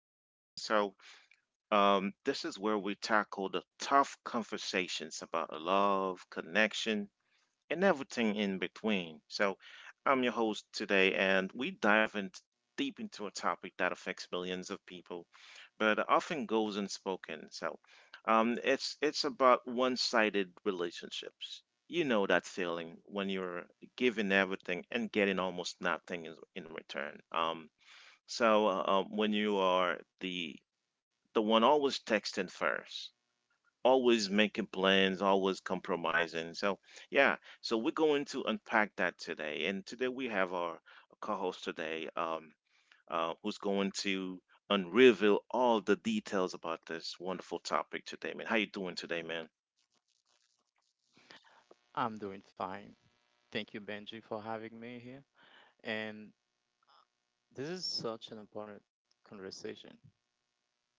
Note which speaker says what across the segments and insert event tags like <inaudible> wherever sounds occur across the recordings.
Speaker 1: everyone. This is where we tackle the tough conversations about love, connection, and everything in between. I'm your host today, and we dive in deep into a topic that affects millions of people, but often goes unspoken. It's about one-sided relationships. You know that feeling when you're giving everything and getting almost nothing in return. When you are the one always texting first, always making plans, always compromising. So we're going to unpack that today. And today we have our co-host today, who's going to unreveal all the details about this wonderful topic today, man. How you doing today, man?
Speaker 2: I'm doing fine. Thank you, Benji, for having me here. And this is such an important conversation.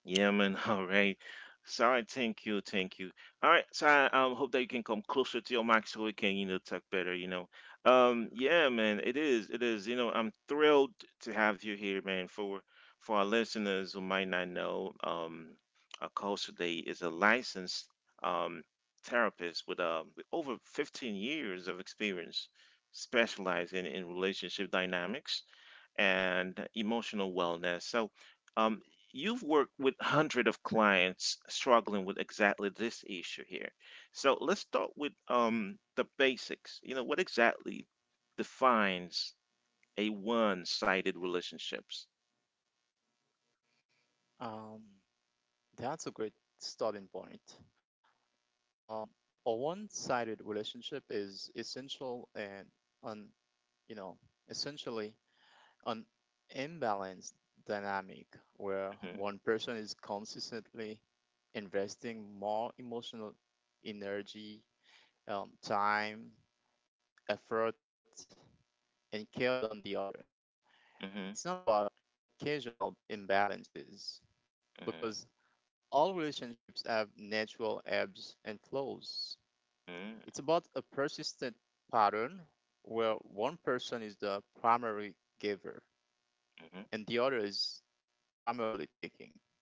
Speaker 1: Yeah, man. <laughs> All right. Sorry. Thank you. Thank you. All right. So I Hope that you can come closer to your mic so we can, you know, talk better, you know. Yeah, man, it is. It is. You know, I'm thrilled to have you here, man. For our listeners who might not know, our coach today is a licensed um therapist with over 15 years of experience specializing in relationship dynamics and emotional wellness. Um, you've worked with hundreds of clients struggling with exactly this issue here. So, let's start with the basics. You know, what exactly defines a one-sided relationships?
Speaker 2: Um, that's a great starting point. Um, a one-sided relationship is essential and un, you know, essentially an imbalanced dynamic where
Speaker 1: Hmm.
Speaker 2: one person is consistently investing more emotional energy, time, effort, and care than the other. It's not
Speaker 1: Hmm.
Speaker 2: about occasional imbalances because all relationships have natural ebbs and flows.
Speaker 1: Hmm. Hmm.
Speaker 2: It's about a persistent pattern where one person is the primary giver
Speaker 1: Hmm.
Speaker 2: and the other is primarily taking.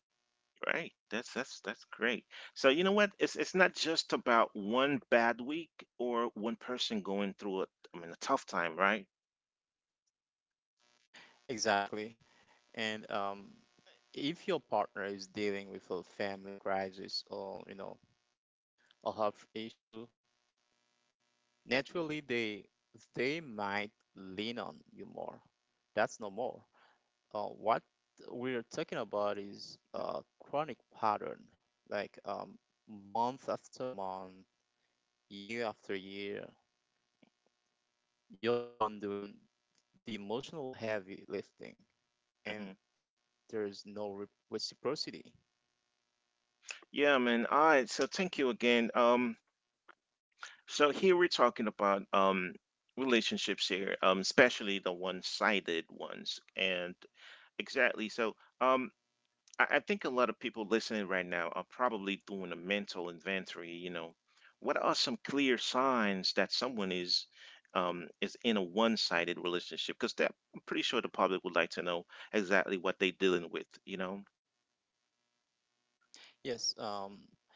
Speaker 1: Right. That's great. So you know what? It's not just about one bad week or one person going through I mean, a tough time, right?
Speaker 2: Exactly. And if your partner is dealing with a family crisis or a health issue, naturally they might lean on you more. That's no more. What we're talking about is a chronic pattern, like month after month, year after year. You're the one doing the emotional heavy lifting, and
Speaker 1: Hmm.
Speaker 2: there's no reciprocity.
Speaker 1: Yeah, man. All right. So thank you again. So here we're talking about relationships here, especially the one-sided ones, and exactly. Um, I think a lot of people listening right now are probably doing a mental inventory. You know, what are some clear signs that someone is in a one-sided relationship? Because that I'm pretty sure the public would like to know exactly what they're dealing with. You know.
Speaker 2: Yes,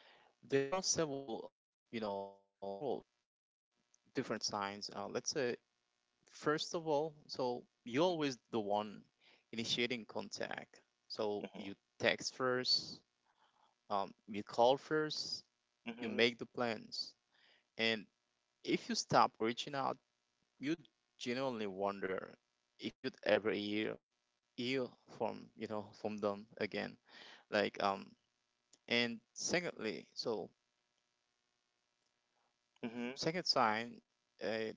Speaker 2: there are several different signs. Let's say, first of all, so you're always the one initiating contact. So
Speaker 1: Mhm.
Speaker 2: you text first, you call first, you
Speaker 1: Mhm.
Speaker 2: make the plans. And if you stop reaching out, you genuinely wonder if you'd ever hear from from them again. Like um and secondly, so
Speaker 1: Mhm.
Speaker 2: second sign, uh,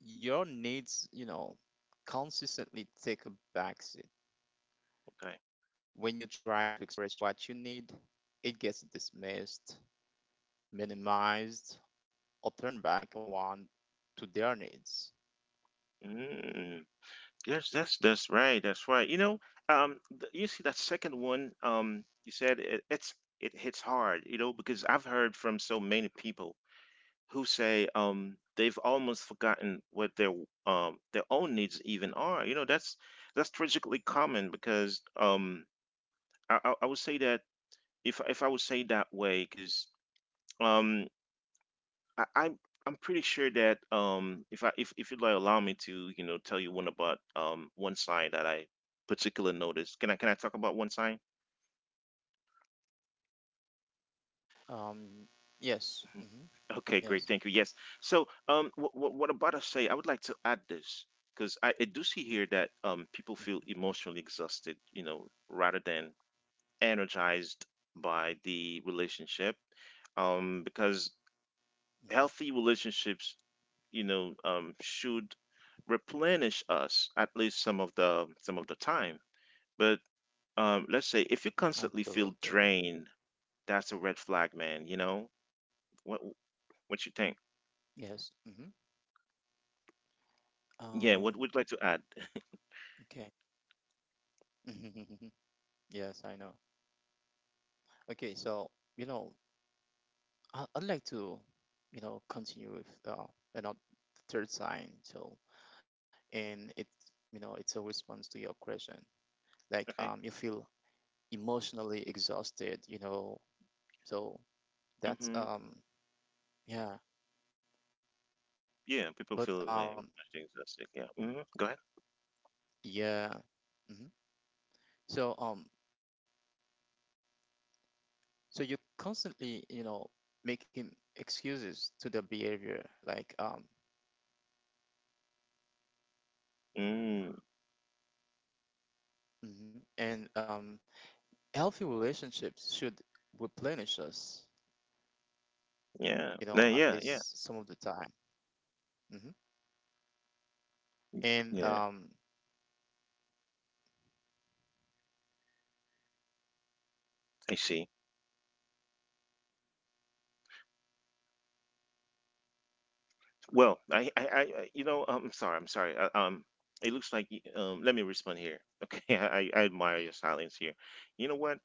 Speaker 2: your needs consistently take a backseat.
Speaker 1: Okay.
Speaker 2: When you try to express what you need, it gets dismissed, minimized, or turned back around to their needs.
Speaker 1: Mm, yes, that's right. That's right. You see that second one, you said it, it hits hard, you know, because I've heard from so many people who say they've almost forgotten what their own needs even are. You know, that's tragically common because I would say that if I would say that way because um I, I'm I'm pretty sure that if I if you'd like allow me to you know tell you one about one sign that I particularly noticed. Can I talk about one sign?
Speaker 2: Um, yes. Mm-hmm.
Speaker 1: Okay,
Speaker 2: Yes.
Speaker 1: great. Thank you. Yes. So, what about us say? I would like to add this because I do see here that people feel emotionally exhausted, you know, rather than energized by the relationship, because
Speaker 2: Mm-hmm. Mm-hmm.
Speaker 1: healthy relationships, should replenish us at least some of the time. But let's say if you constantly
Speaker 2: Absolutely.
Speaker 1: feel drained, that's a red flag, man. You know, what what you think?
Speaker 2: Yes. Mm-hmm. Um,
Speaker 1: Yeah. What would you like to add?
Speaker 2: okay. <laughs> Yes, I know. Okay, so, you know, I'd like to, continue with uh, another third sign. So, and it's a response to your question. Like,
Speaker 1: Okay.
Speaker 2: you feel emotionally exhausted, so that's,
Speaker 1: Mhm.
Speaker 2: yeah.
Speaker 1: Yeah, people
Speaker 2: But,
Speaker 1: feel it
Speaker 2: um,
Speaker 1: when machines are sick. Yeah. Go ahead.
Speaker 2: yeah. Hmm. So, um, So you're constantly, making excuses to the behavior, like
Speaker 1: Mm,
Speaker 2: mhm. and healthy relationships should replenish us,
Speaker 1: yeah. No,
Speaker 2: at least some of the time. hmm And
Speaker 1: yeah. I see. Well, you know, I'm sorry, I'm sorry. It looks like, let me respond here. <laughs> Okay, I admire your silence here. You know what?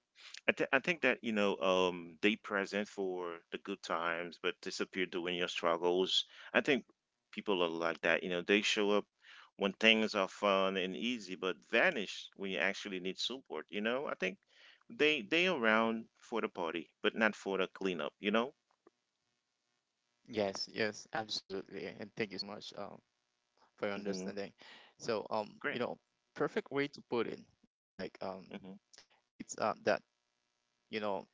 Speaker 1: I think that, you know, they present for the good times, but disappear during your struggles. I think people are like that. You know, they show up when things are fun and easy, but vanish when you actually need support. You know, I think they around for the party, but not for the cleanup. You know?
Speaker 2: yes, yes, absolutely. And thank you so much for your
Speaker 1: Hmm.
Speaker 2: understanding. So
Speaker 1: Great.
Speaker 2: perfect way to put it, like
Speaker 1: Hmm.
Speaker 2: it's that you know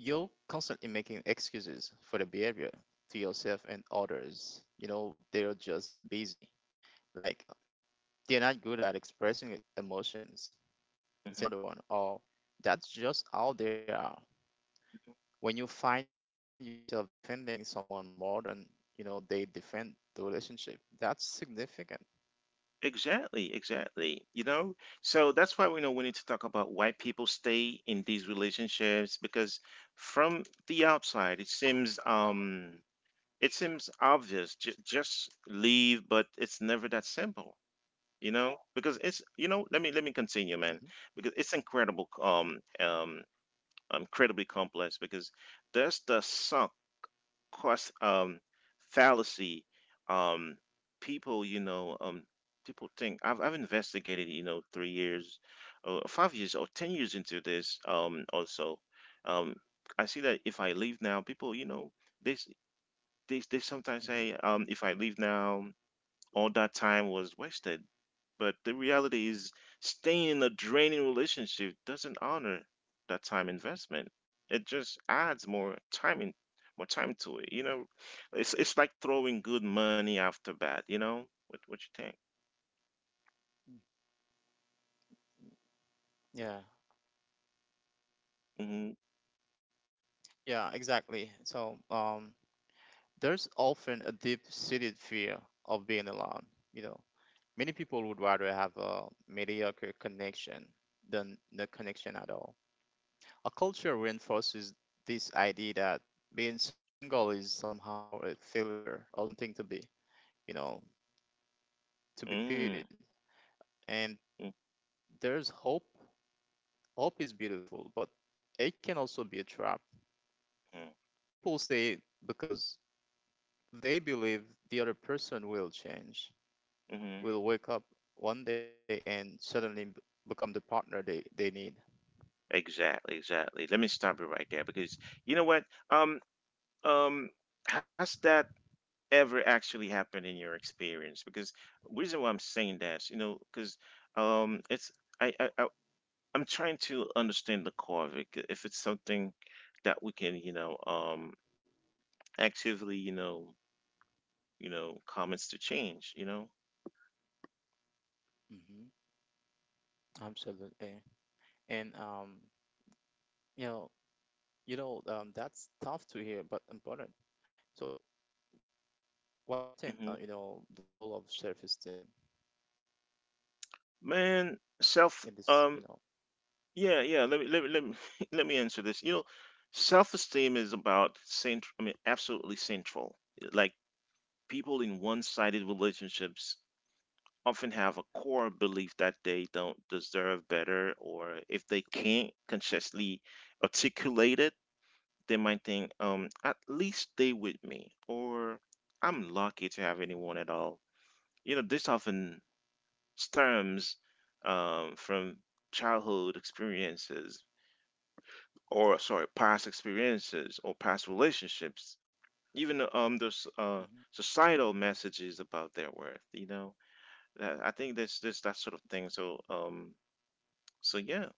Speaker 2: you're constantly making excuses for the behavior to yourself and others. You know, they're just busy. Like, uh, they're not good at expressing emotions.
Speaker 1: Hmm.
Speaker 2: It's another one. Or that's just how they are. When you find yourself defending someone more than they defend the relationship, that's significant.
Speaker 1: Exactly, exactly. You know, so that's why we know we need to talk about why people stay in these relationships because from the outside it seems obvious just leave, but it's never that simple. You know, because it's you know let me continue, man,
Speaker 2: Hmm.
Speaker 1: because it's incredible incredibly complex because there's the sunk course fallacy um people you know people think I've investigated you know 3 years or 5 years or 10 years into this also um I see that if I leave now people you know this they, they sometimes say
Speaker 2: Hmm.
Speaker 1: if I leave now all that time was wasted. But the reality is, staying in a draining relationship doesn't honor that time investment. It just adds more time in, more time to it. You know, it's like throwing good money after bad. You know, what you think?
Speaker 2: Yeah,
Speaker 1: Mm-hmm.
Speaker 2: yeah, exactly. So, there's often a deep-seated fear of being alone, you know, many people would rather have a mediocre connection than no connection at all. A culture reinforces this idea that being single is somehow a failure or something to be, you know, pitied.
Speaker 1: Mm-hmm.
Speaker 2: And there's hope. Hope is beautiful, but it can also be a trap.
Speaker 1: Mm-hmm.
Speaker 2: People stay because they believe the other person will change,
Speaker 1: Mm-hmm.
Speaker 2: will wake up one day and suddenly become the partner they need.
Speaker 1: Exactly, exactly. Let me stop you right there because you know what? Um, um, has that ever actually happened in your experience because reason why I'm saying that you know because it's I, I i I'm trying to understand the core of it if it's something that we can you know actively you know comments to change you know.
Speaker 2: hmm Absolutely. And you know, that's tough to hear, but important. So, what do you think?
Speaker 1: Mm-hmm.
Speaker 2: The role of sheriff is
Speaker 1: Man,
Speaker 2: in
Speaker 1: self
Speaker 2: this.
Speaker 1: Yeah, yeah, let me <laughs> let me answer this. You know, self-esteem is about central I mean absolutely central. Like people in one-sided relationships often have a core belief that they don't deserve better or if they can't consciously articulate it, they might think at least stay with me or I'm lucky to have
Speaker 2: Hmm.
Speaker 1: anyone at all. You know, this often stems from childhood experiences or sorry past experiences or past relationships even those
Speaker 2: Hmm.
Speaker 1: societal messages about their worth you know. I think there's this that sort of thing so yeah.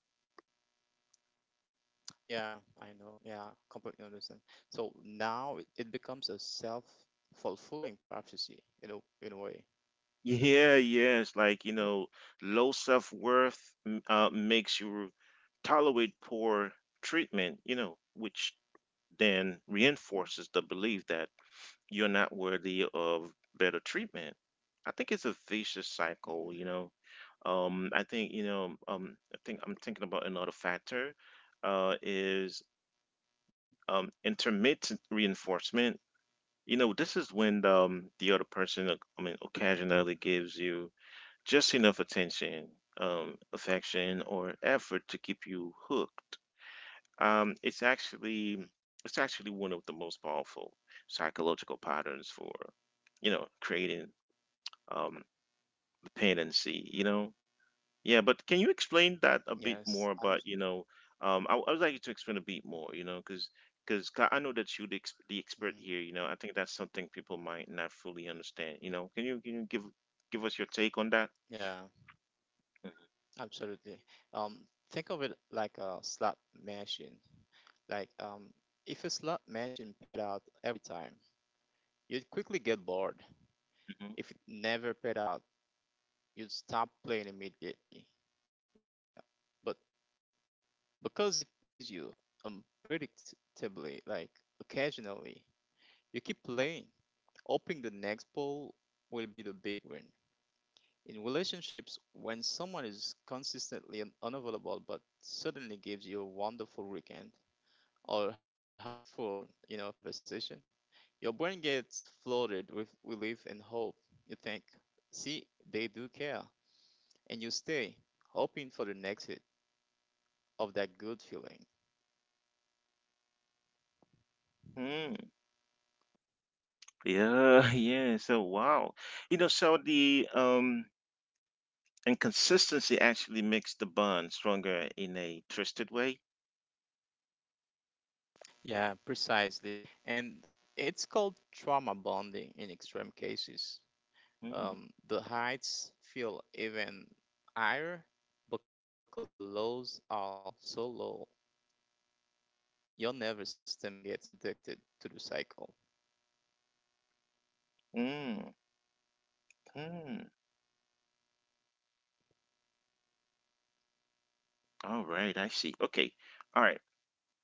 Speaker 2: Yeah, I know, yeah, completely understand. So now it becomes a self-fulfilling prophecy in a way, right?
Speaker 1: Yeah it's like you know low self-worth makes you tolerate poor treatment you know which then
Speaker 2: Hmm.
Speaker 1: reinforces the belief that you're not worthy of better treatment. I think it's a vicious cycle, you
Speaker 2: Hmm.
Speaker 1: know. I think you know. I think I'm thinking about another factor. Is
Speaker 2: Hmm.
Speaker 1: intermittent reinforcement. You know, this is when the other person, I mean, occasionally gives you just enough attention, affection, or effort to keep you hooked um, it's actually
Speaker 2: Hmm.
Speaker 1: it's actually one of the most powerful psychological patterns for, you know, creating um, dependency. You know, yeah. But can you explain that a bit
Speaker 2: Yes,
Speaker 1: more about you know? I would like you to explain a bit more. You know, because I know that you're the, the
Speaker 2: mhm.
Speaker 1: expert here. You know, I think that's something people might not fully understand. You know, can you give give us your take on that?
Speaker 2: Yeah, absolutely. Think of it like a slot machine. Like, um, if a slot machine paid out every time, you'd quickly get bored.
Speaker 1: Mhm.
Speaker 2: If it never paid out, you'd stop playing immediately. Like, but because it pays you unpredictably, like occasionally, you keep playing, hoping the next poll will be the big win. In relationships, when someone is consistently unavailable but suddenly gives you a wonderful weekend, or heartful conversation, your brain gets flooded with relief and hope. You think, see, they do care. And you stay, hoping for the next hit of that good feeling.
Speaker 1: Mm, yeah, <laughs> yeah. So wow, you know, so the And consistency actually makes the bond stronger in a twisted way.
Speaker 2: Yeah, precisely. And it's called trauma bonding in extreme cases.
Speaker 1: Mm.
Speaker 2: The heights feel even higher because the lows are so low. Your nervous system gets addicted to the cycle.
Speaker 1: Mm. Mm. All right, I see. Okay, all right.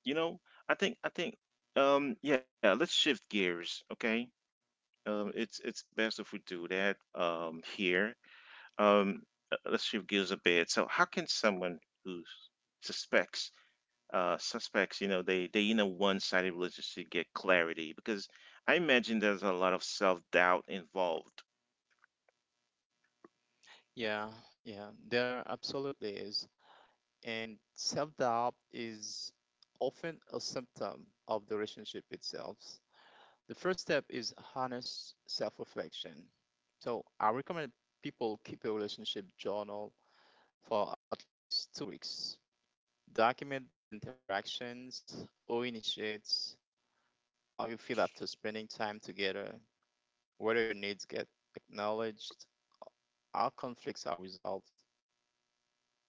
Speaker 1: You know, I think, yeah. Let's shift gears. Okay, it's best if we do that here. Um, let's shift gears a bit. So, how can someone who suspects, suspects, you know, they in a one-sided relationship get clarity? Because I imagine there's a lot of self-doubt involved.
Speaker 2: Yeah, yeah, there absolutely is. And self doubt is often a symptom of the relationship itself. The first step is honest self reflection. So I recommend people keep a relationship journal for at least 2 weeks. Document the interactions or initiates how you feel after spending time together, whether your needs get acknowledged, how conflicts are resolved.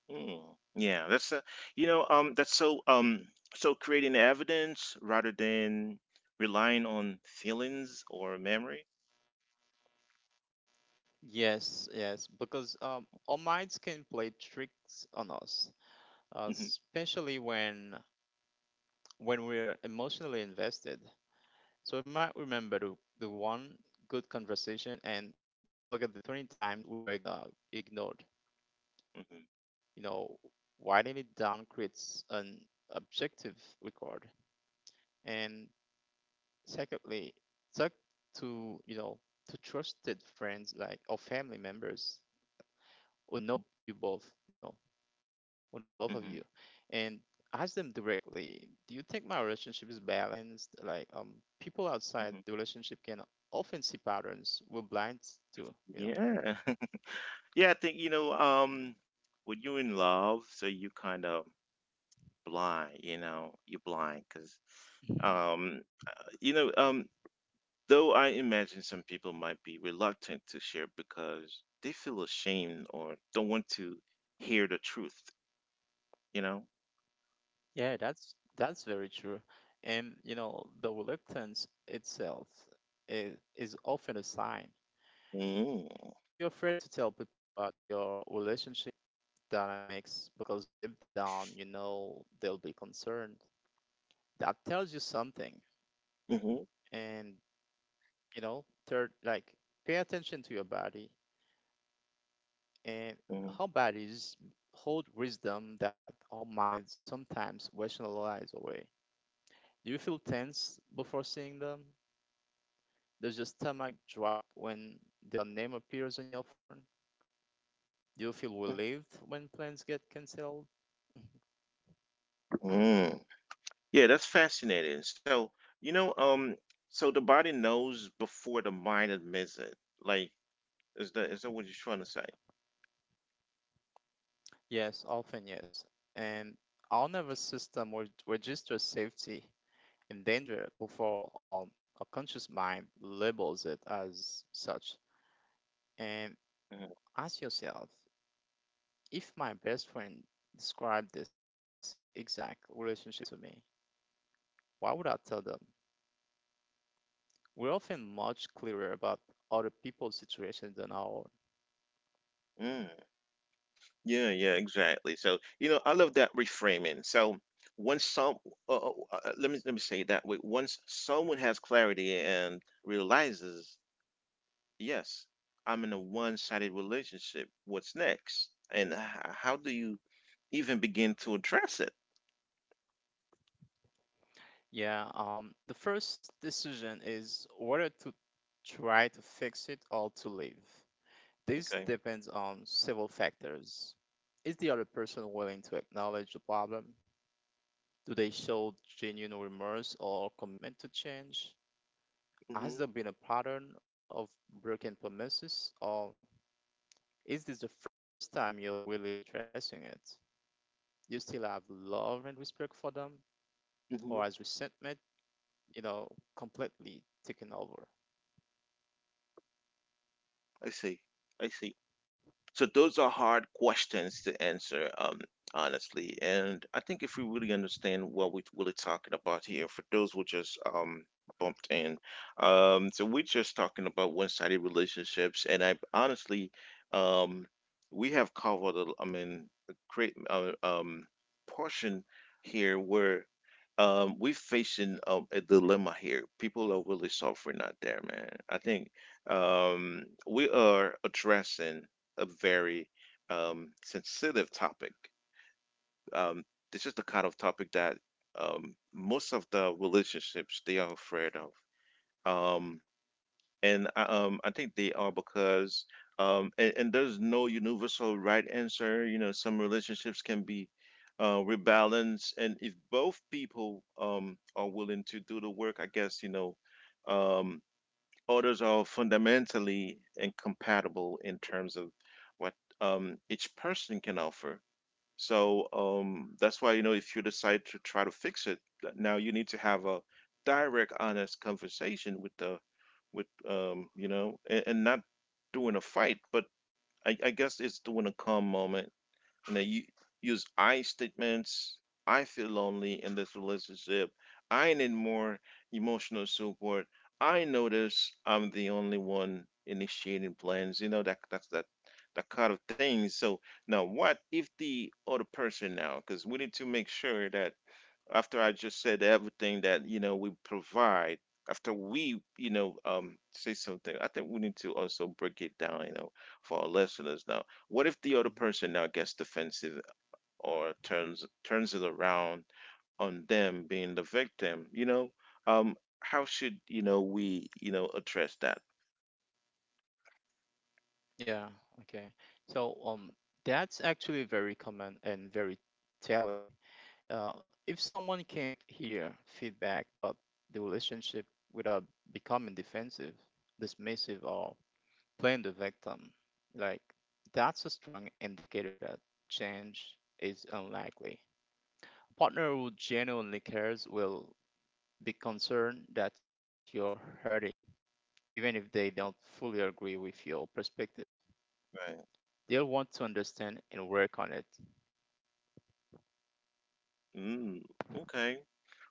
Speaker 1: Mm, yeah, that's you know, that's so, so creating evidence rather than relying on feelings or memory.
Speaker 2: Yes, yes, because our minds can play tricks on us.
Speaker 1: Hmm.
Speaker 2: Especially when we're emotionally invested. So we might remember the one good conversation and forget the 20 times we were ignored.
Speaker 1: Hmm.
Speaker 2: You know, Writing it down creates an objective record. And secondly, talk to, you know, to trusted friends like or family members. Will know you both, will know both of
Speaker 1: Hmm.
Speaker 2: you, and ask them directly, do you think my relationship is balanced? People outside
Speaker 1: Hmm.
Speaker 2: the relationship can often see patterns we're blind to.
Speaker 1: Yeah, <laughs> yeah. I think you know, when you're in love, so you kind of blind, you know, you're blind because,
Speaker 2: hmm
Speaker 1: um, you know, though I imagine some people might be reluctant to share because they feel ashamed or don't want to hear the truth, you know.
Speaker 2: Yeah, that's very true. And the reluctance itself is often a sign.
Speaker 1: Mm.
Speaker 2: If you're afraid to tell people about your relationship dynamics because deep down you know they'll be concerned, that tells you something.
Speaker 1: Mhm.
Speaker 2: And third, like, pay attention to your body, and
Speaker 1: Mhm.
Speaker 2: how bodies hold wisdom that our minds sometimes rationalize away. Do you feel tense before seeing them? Does your stomach drop when their name appears on your phone? Do you feel
Speaker 1: Mm.
Speaker 2: relieved when plans get cancelled?
Speaker 1: Mm. Yeah, that's fascinating. So, you know, so the body knows before the mind admits it. Like, is that what you're trying to say?
Speaker 2: Yes, often yes. And our nervous system registers safety and danger before a conscious mind labels it as such, and
Speaker 1: Mhm.
Speaker 2: ask yourself, if my best friend described this exact relationship to me, what would I tell them? We're often much clearer about other people's situations than our own.
Speaker 1: Mm. Yeah, yeah, exactly. So, you know, I love that reframing. So, once let me say it that way. Once someone has clarity and realizes, yes, I'm in a one-sided relationship. What's next? And how do you even begin to address it?
Speaker 2: Yeah, the first decision is whether to try to fix it or to leave. This
Speaker 1: Okay.
Speaker 2: depends on several factors. Is the other person willing to acknowledge the problem? Do they show genuine remorse or commitment to change?
Speaker 1: Mhm.
Speaker 2: Has there been a pattern of broken promises, or is this the first time you're really addressing it? You still have love and respect for them, or
Speaker 1: Mhm.
Speaker 2: has resentment, you know, completely taken over?
Speaker 1: I see. I see. So those are hard questions to answer honestly and I think if we really understand what we're really talking about here for those who just bumped in so we're just talking about one-sided relationships and I honestly um, we have covered I mean a great portion here where we're facing a dilemma here people are really suffering out there man I think we are addressing a very sensitive topic. Um, this is the kind of topic that most of the relationships they are afraid of, um, I think they are because and there's no universal right answer. You know, some relationships can be rebalanced, and if both people are willing to do the work, I guess you know. Um, Orders are fundamentally incompatible in terms of what each person can offer. So that's why, you know, if you decide to try to fix it, now you need to have a direct, honest conversation with the, with, you know, and not doing a fight, but I guess it's doing a calm moment and they use I statements. I feel lonely in this relationship. I need more emotional support. I notice I'm the only one initiating plans. You know that's that kind of thing. So now, what if the other person now? Because we need to make sure that after I just said everything that you know we provide, after we say something, I think we need to also break it down, you know, for our listeners. Now, what if the other
Speaker 2: Mhm.
Speaker 1: person now gets defensive or turns it around on them being the victim? You know, how should you know we you know address that?
Speaker 2: Yeah, okay. So um, that's actually very common and very telling. If someone can't hear feedback but the relationship without becoming defensive, dismissive, or playing the victim, like that's a strong indicator that change is unlikely. A partner who genuinely cares will be concerned that you're hurting, even if they don't fully agree with your perspective.
Speaker 1: Right.
Speaker 2: They'll want to understand and work on it.
Speaker 1: Mm, okay.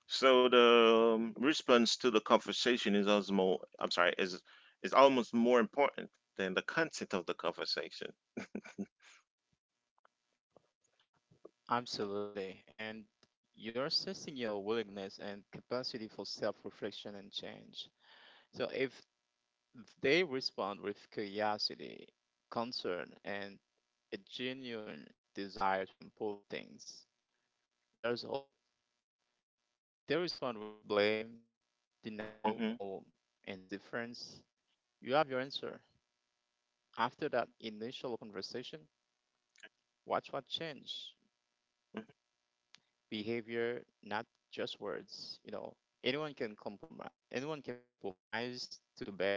Speaker 1: So the response to the conversation is also more, I'm sorry, is almost more important than the content of the conversation.
Speaker 2: Absolutely. And you're assessing your willingness and capacity for self reflection and change. So if they respond with curiosity, concern, and a genuine desire to improve things, there's hope. If they respond with blame, denial, or
Speaker 1: hmm
Speaker 2: indifference, you have your answer. After that initial conversation, watch what change. Behavior, not just words. Anyone can compromise. Anyone can compromise to do better.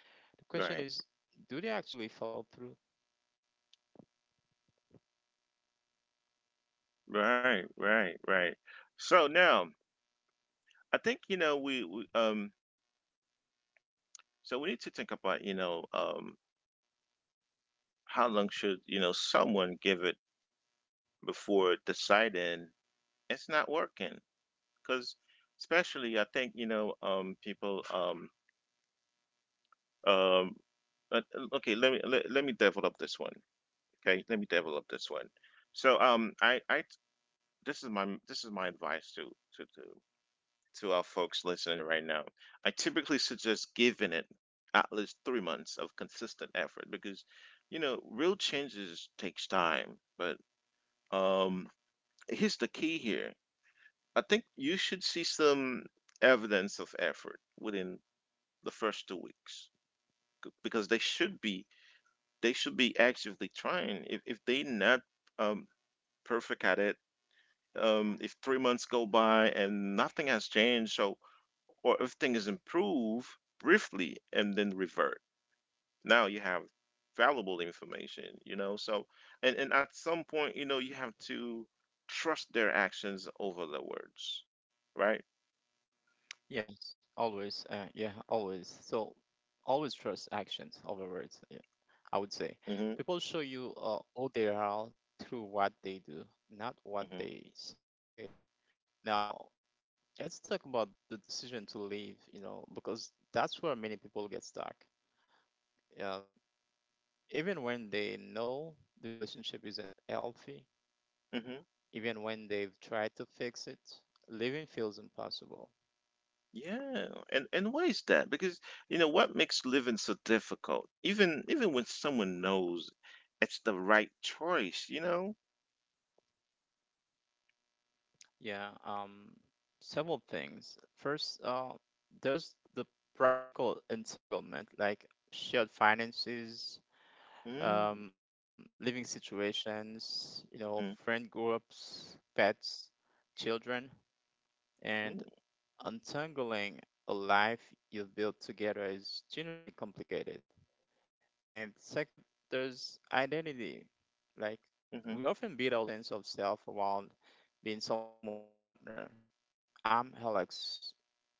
Speaker 2: The question is,
Speaker 1: Right.
Speaker 2: do they actually follow through?
Speaker 1: Right, right, right. So now, I think you know we we need to think about how long should you know someone give it before deciding it's not working? Because especially I think you know people um okay let me develop this one. Okay, let me develop this one. So I this is my advice to to to our folks listening right now. I typically suggest giving it at least 3 months of consistent effort because, you know, real changes takes time. But um, here's the key here. I think you should see some evidence of effort within the first 2 weeks because they should be actively trying. If they not um, perfect at it, if 3 months go by and nothing has changed, so or if things improve briefly and then revert. Now you have valuable information, you know. So and at some point, you know, you have to trust their actions over their words, right?
Speaker 2: Yes, always. Yeah, always. So always trust actions over words. Yeah. I would say.
Speaker 1: hmm
Speaker 2: People show you all they are through what they do, not what
Speaker 1: hmm
Speaker 2: they say. Now, let's talk about the decision to leave, because that's where many people get stuck. Um, even when they know the relationship isn't healthy,
Speaker 1: hmm
Speaker 2: even when they've tried to fix it, leaving feels impossible.
Speaker 1: Yeah, and why is that? Because you know what makes living so difficult, even when someone knows it's the right choice, you know.
Speaker 2: Yeah, several things. First, there's the practical entanglement, like shared finances,
Speaker 1: Mm-hmm.
Speaker 2: living situations,
Speaker 1: Mm-hmm,
Speaker 2: friend groups, pets, children, and untangling a life you've built together is genuinely complicated. And second, there's identity. Like,
Speaker 1: mm-hmm.
Speaker 2: we often build our sense of self around being someone's partner. I'm Alex's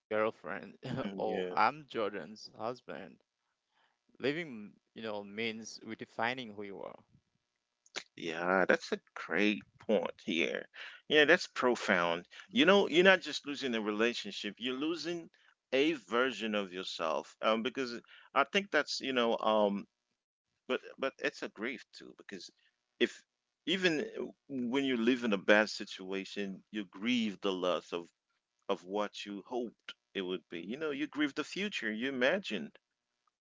Speaker 2: girlfriend, <laughs>
Speaker 1: Mm,
Speaker 2: or
Speaker 1: yeah,
Speaker 2: I'm Jordan's husband. Living, means redefining who you are.
Speaker 1: yeah, that's a great point here. Yeah, that's profound. You know, you're not just losing a relationship, you're losing a version of yourself. Because I think that's, you know, but it's a grief too, because if even when you
Speaker 2: Hmm.
Speaker 1: live in a bad situation, you grieve the loss of what you hoped it would be. You know, you grieve the future you imagine.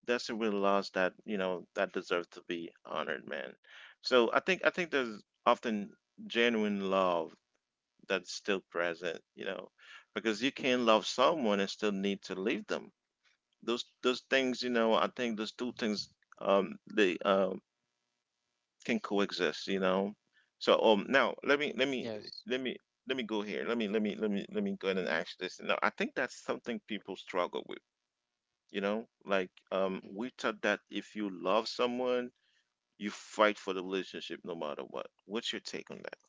Speaker 1: That's a real loss that you know
Speaker 2: Hmm.
Speaker 1: that deserves to be honored, man. So I think there's often genuine love that's still present, you know, because you can love someone and still need to leave them. Those things, you know, I think those two things they can coexist, you know. So now let me let me
Speaker 2: Yes.
Speaker 1: let me let me go here. Let me let me let me let me go ahead and ask this. Now I think that's something people struggle with you know like
Speaker 2: Mhm.
Speaker 1: we taught that if you love someone, you fight for the relationship no matter what. What's your take on that?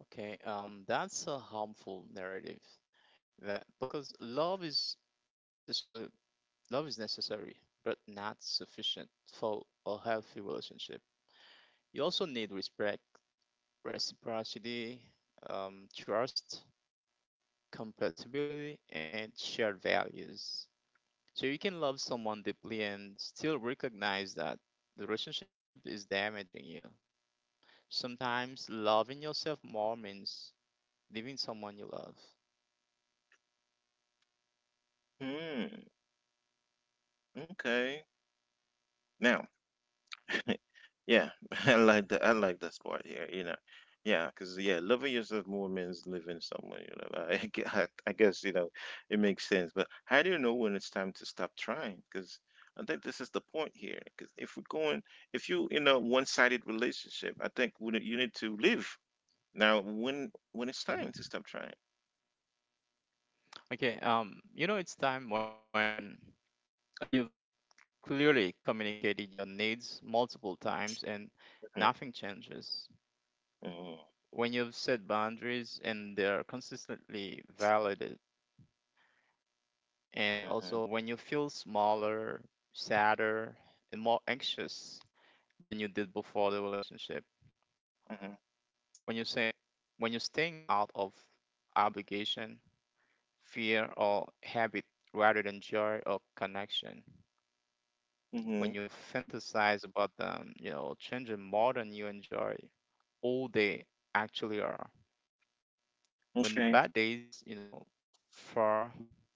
Speaker 2: Okay, that's a harmful narrative that because necessary, love is necessary, but not sufficient for a healthy relationship. You also need respect, reciprocity, trust, compatibility, and shared values. So you can love someone deeply and still recognize that the relationship is damaging you. Sometimes loving yourself more means leaving someone you love.
Speaker 1: Hmm. Okay. Now, <laughs> yeah, <laughs> I like that. I like this part here. You know, yeah, because yeah, loving yourself more means living someone. You know, I, <laughs> gue- I guess you know it makes sense. But how do you know when it's time to stop trying? Because I think this is the point here. Because if we're going, if you in a one-sided relationship, I think we, you need to live now. When it's time to stop trying.
Speaker 2: Okay, it's time when you've clearly communicated your needs multiple times and
Speaker 1: Mm-hmm.
Speaker 2: nothing changes.
Speaker 1: hmm
Speaker 2: When you've set boundaries and they're consistently validated, and also when you feel smaller, sadder, and more anxious than you did before the relationship. When you say when you're staying out of obligation, fear, or habit rather than joy or connection.
Speaker 1: hmm hmm
Speaker 2: When you fantasize about them, changing more than you enjoy all they actually are. When the
Speaker 1: Okay,
Speaker 2: bad days far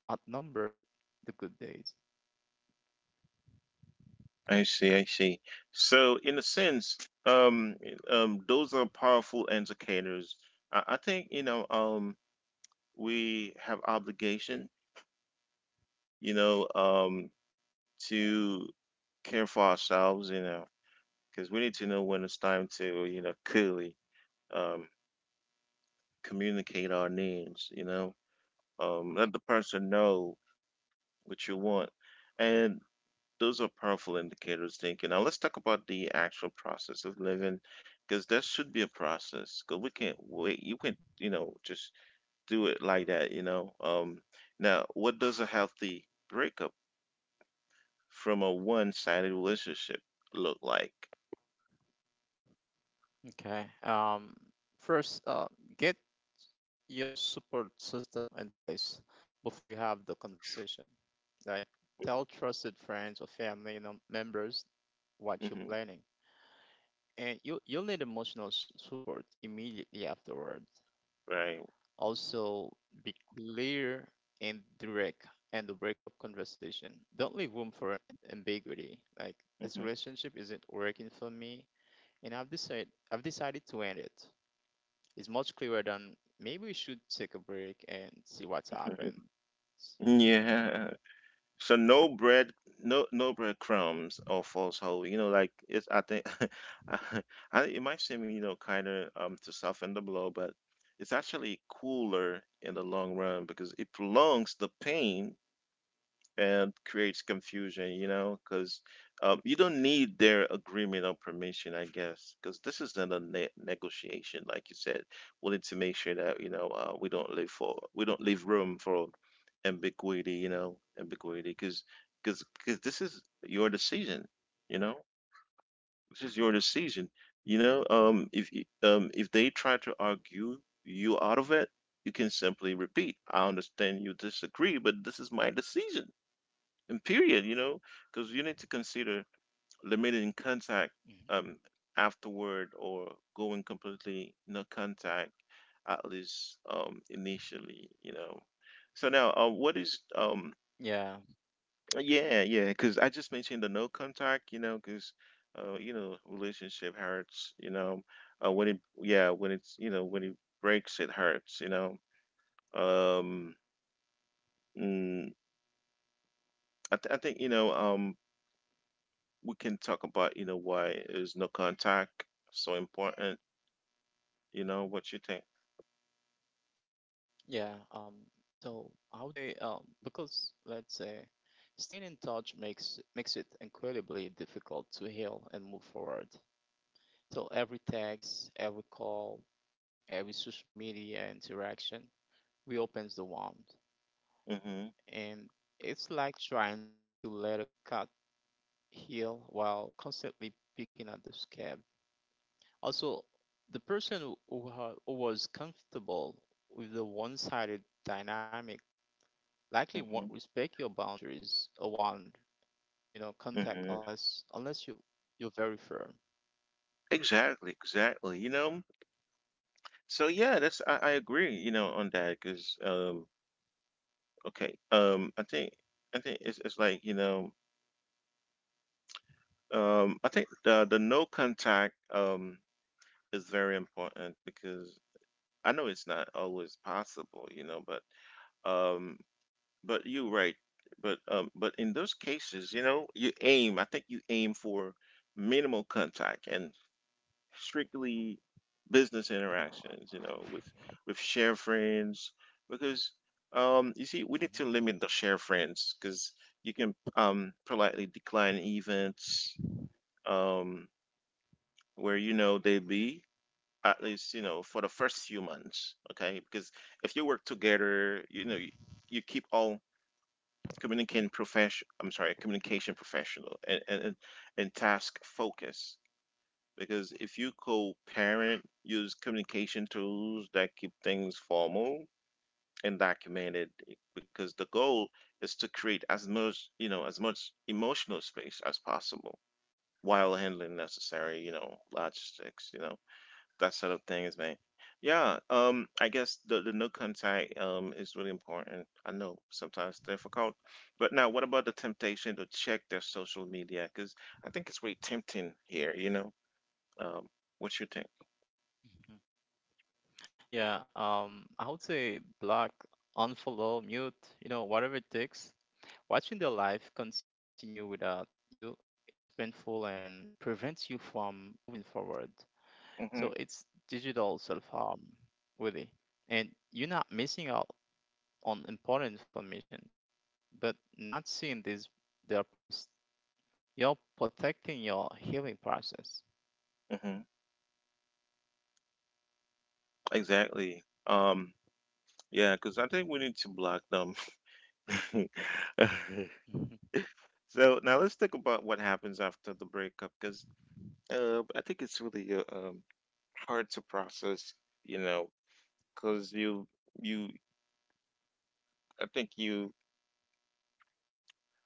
Speaker 2: outnumbered the good days.
Speaker 1: I see, I see. So in a sense, those are powerful indicators. I think, you know, we have obligation, you know, to care for ourselves, you know, because we need to know when it's time to, you know, clearly, um, communicate our needs, you know, let the person know what you want. And those are powerful indicators, thinking. Now let's talk about the actual process of living, because there should be a process. Because we can't wait. You can, not you know, just do it like that, you know. Now, what does a healthy breakup from a one-sided relationship look like?
Speaker 2: Okay. First, get your support system in place before you have the conversation. Like, tell trusted friends or family members what you're
Speaker 1: hmm
Speaker 2: planning, and you'll need emotional support immediately afterward.
Speaker 1: right.
Speaker 2: Also, be clear and direct and the breakup conversation. Don't leave room for an ambiguity. Like this
Speaker 1: hmm
Speaker 2: relationship isn't working for me, and I've decided to end it. It's much clearer than maybe we should take a break and see what's happened.
Speaker 1: <laughs> Yeah. So no no breadcrumbs or false hope. You know, like it's. I think <laughs> I, it might seem you know kind of to soften the blow, but it's actually cooler in the long run because it prolongs the pain and creates confusion, you know, because you don't need their agreement or permission, I guess, because this isn't a negotiation, like you said. We need to make sure that you know we don't leave room for ambiguity, you know, ambiguity, because because this is your decision, you know, this is your decision, you know. If they try to argue you out of it, you can simply repeat, I understand you disagree, but this is my decision and period you know because you need to consider limiting
Speaker 2: Mhm.
Speaker 1: contact um afterward or going completely no contact at least initially you know so now what is
Speaker 2: Yeah,
Speaker 1: yeah yeah because I just mentioned the no contact you know because you know relationship hurts you know when it yeah when it's you know when it breaks it hurts you know um mm, I think you know we can talk about you know why is no contact so important you know what you think.
Speaker 2: yeah. So I would say, because let's say staying in touch makes it incredibly difficult to heal and move forward. So every text, every call, every social media interaction reopens the wound.
Speaker 1: hmm
Speaker 2: And it's like trying to let a cut heal while constantly picking at the scab. Also, the person who was comfortable with the one-sided dynamic likely won't
Speaker 1: hmm
Speaker 2: respect your boundaries around, you know, contact
Speaker 1: hmm
Speaker 2: unless you're very firm.
Speaker 1: exactly exactly you know so yeah that's I agree you know on that because okay I think it's like you know I think the no contact is very important because I know it's not always possible you know but um but you are right. But in those cases, you know, you aim. I think you aim for minimal contact and strictly business interactions. You know, with share friends because you see, we need
Speaker 2: Hmm.
Speaker 1: to limit the share friends because you can politely decline events um where you know they be at least you know for the first few months. Okay, because if you work together, you know you, you keep all communicating profession I'm sorry communication professional and task focus because if you co-parent use communication tools that keep things formal and documented because the goal is to create as much you know as much emotional space as possible while handling necessary you know logistics you know that sort of thing is man. Yeah, I guess the no contact is really important. I know sometimes difficult, but now what about the temptation to check their social media? Because I think it's really tempting here. You know, um, what you think?
Speaker 2: Yeah, I would say block, unfollow, mute, you know, whatever it takes. Watching their life continue without you is painful and prevents you from moving forward.
Speaker 1: Mm-hmm.
Speaker 2: So it's digital self-harm, really. And you're not missing out on important information, but not seeing this their past. You're protecting your healing process.
Speaker 1: Mm-hmm. Exactly. Yeah, because I think we need to block them. <laughs>
Speaker 2: Mhm.
Speaker 1: So now let's think about what happens after the breakup, because I think it's really hard to process, you know, because you I think you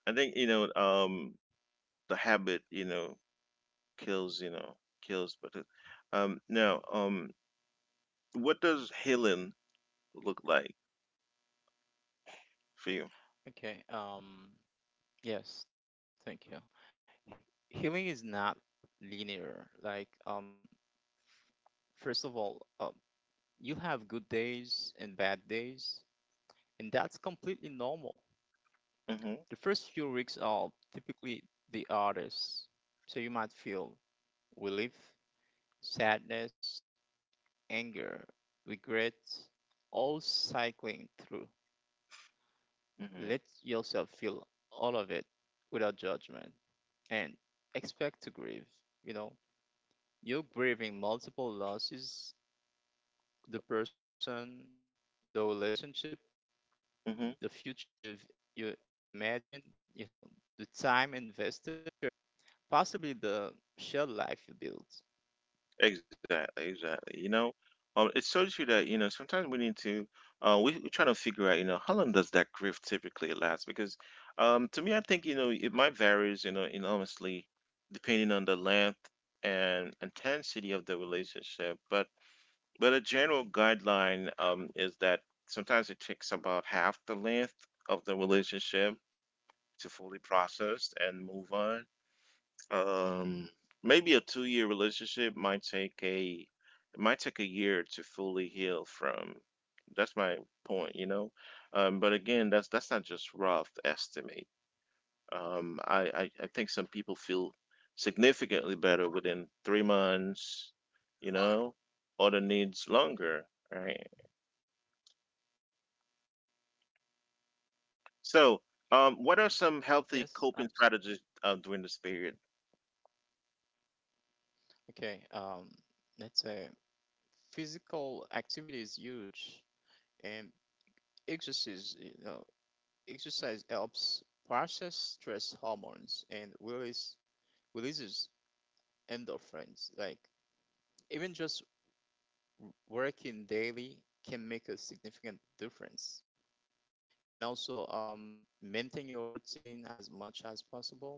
Speaker 1: I think you know the habit you know kills, but it, now what does healing look like for you?
Speaker 2: Okay, yes, thank you. Healing is not linear. Like, first of all, you have good days and bad days, and that's completely normal.
Speaker 1: Mm-hmm,
Speaker 2: The first few weeks are typically the hardest, so you might feel relief, sadness, anger, regret, all cycling through. Let
Speaker 1: mm-hmm,
Speaker 2: yourself feel all of it without judgment and expect to grieve. You know, you're grieving multiple losses the person, the relationship, the
Speaker 1: mm-hmm.
Speaker 2: future you've, you imagine, you know, the time invested, possibly the shared life you build.
Speaker 1: Exactly, exactly. You know, it's so true that you know sometimes we need to, we're trying to figure out you know how long does that grief typically last? Because, to me, I think you know it might varies you know enormously depending on the length and intensity of the relationship. But a general guideline is that sometimes it takes about half the length of the relationship to fully process and move on um, maybe a 2 year relationship might take a it might take a year to fully heal from. That's my point, you know. But again, that's not just rough estimate. I think some people feel significantly better within 3 months, you know. Other needs longer, right? So,
Speaker 2: Mm-hmm.
Speaker 1: what are some
Speaker 2: Yes,
Speaker 1: healthy
Speaker 2: absolutely.
Speaker 1: coping strategies during this period?
Speaker 2: Okay, let's say physical activity is huge, and exercise, you know, exercise helps process stress hormones and releases endorphins. Like even just working daily can make a significant difference. And also, maintain your routine as much as possible.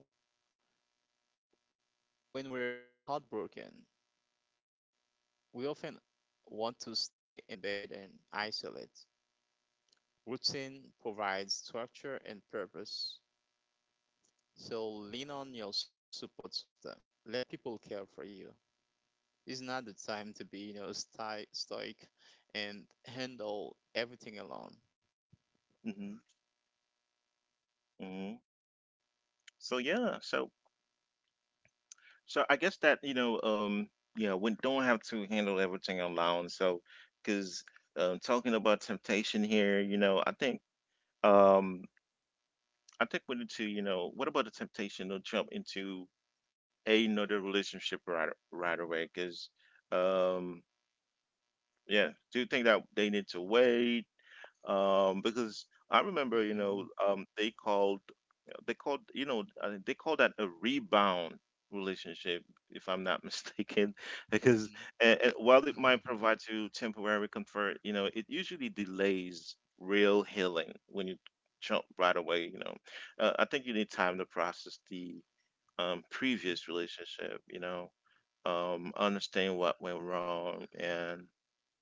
Speaker 2: When we're heartbroken, we often want to stay in bed and isolate. Routine provides structure and purpose. So lean on your support system. Let people care for you. It's not the time to be, you know, stoic and handle everything alone.
Speaker 1: hmm hmm So yeah, so So I guess that we don't have to handle everything alone. So, because Talking about temptation here, um, I think we need to, what about the temptation to jump into another relationship right away? Um, yeah, do you think that they need to wait? Because I remember,
Speaker 2: Mhm,
Speaker 1: they called they call that a rebound relationship if I'm not <laughs> mistaken. Because
Speaker 2: mhm,
Speaker 1: While it
Speaker 2: mhm,
Speaker 1: might provide you temporary comfort, you know, it usually delays real healing when you jump right away, you know. I think you need time to process the
Speaker 2: mhm.
Speaker 1: previous relationship, you know, understand what went wrong and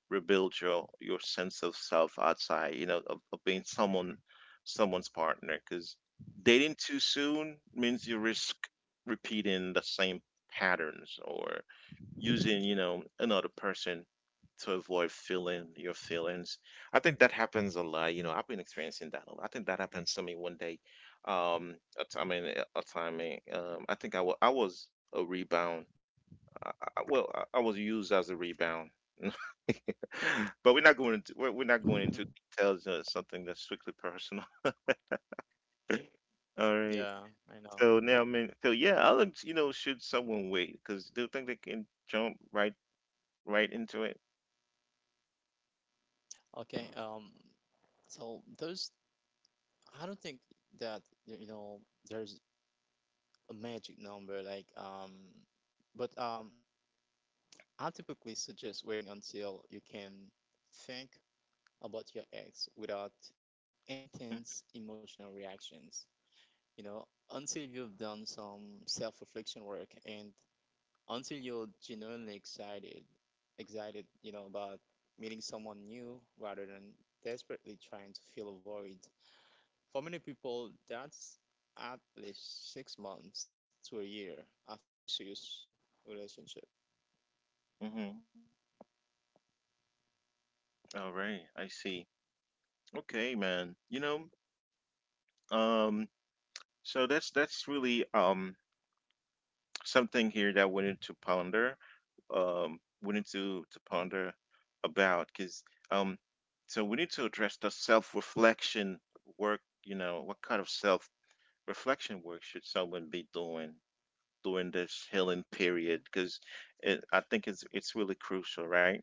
Speaker 1: rebuild your sense of self outside, you know, of being someone's partner, because dating too soon means you risk repeating the same patterns or using, you know, another person to avoid feeling your feelings. I think that happens a lot, you know. I've been experiencing that a lot. I think that happens to me one day, I mean a time, I think I was a rebound. I, I was used as a rebound. <laughs> But we're not going into we're not going into
Speaker 2: <laughs>
Speaker 1: details of something that's strictly personal. <laughs> All right.
Speaker 2: Yeah, I know.
Speaker 1: So now, I would, you know, should someone wait? Because do you think they can jump right into it?
Speaker 2: Okay, so those I don't think that you know there's a magic number like but I typically suggest waiting until you can think about your ex without intense emotional reactions. You know, until you've done some self-reflection work and until you're genuinely excited, you know, about meeting someone new rather than desperately trying to fill a void. For many people, that's at least six months to a year after a serious relationship.
Speaker 1: Mm-hmm. All right, I see. Okay, man. Um, so that's really something here that I wanted to ponder. We need to
Speaker 2: Mhm.
Speaker 1: ponder about, because um so we need to address the self-reflection work. You know, what kind of self-reflection work should someone be doing during this healing period? Because I think it's really crucial, right?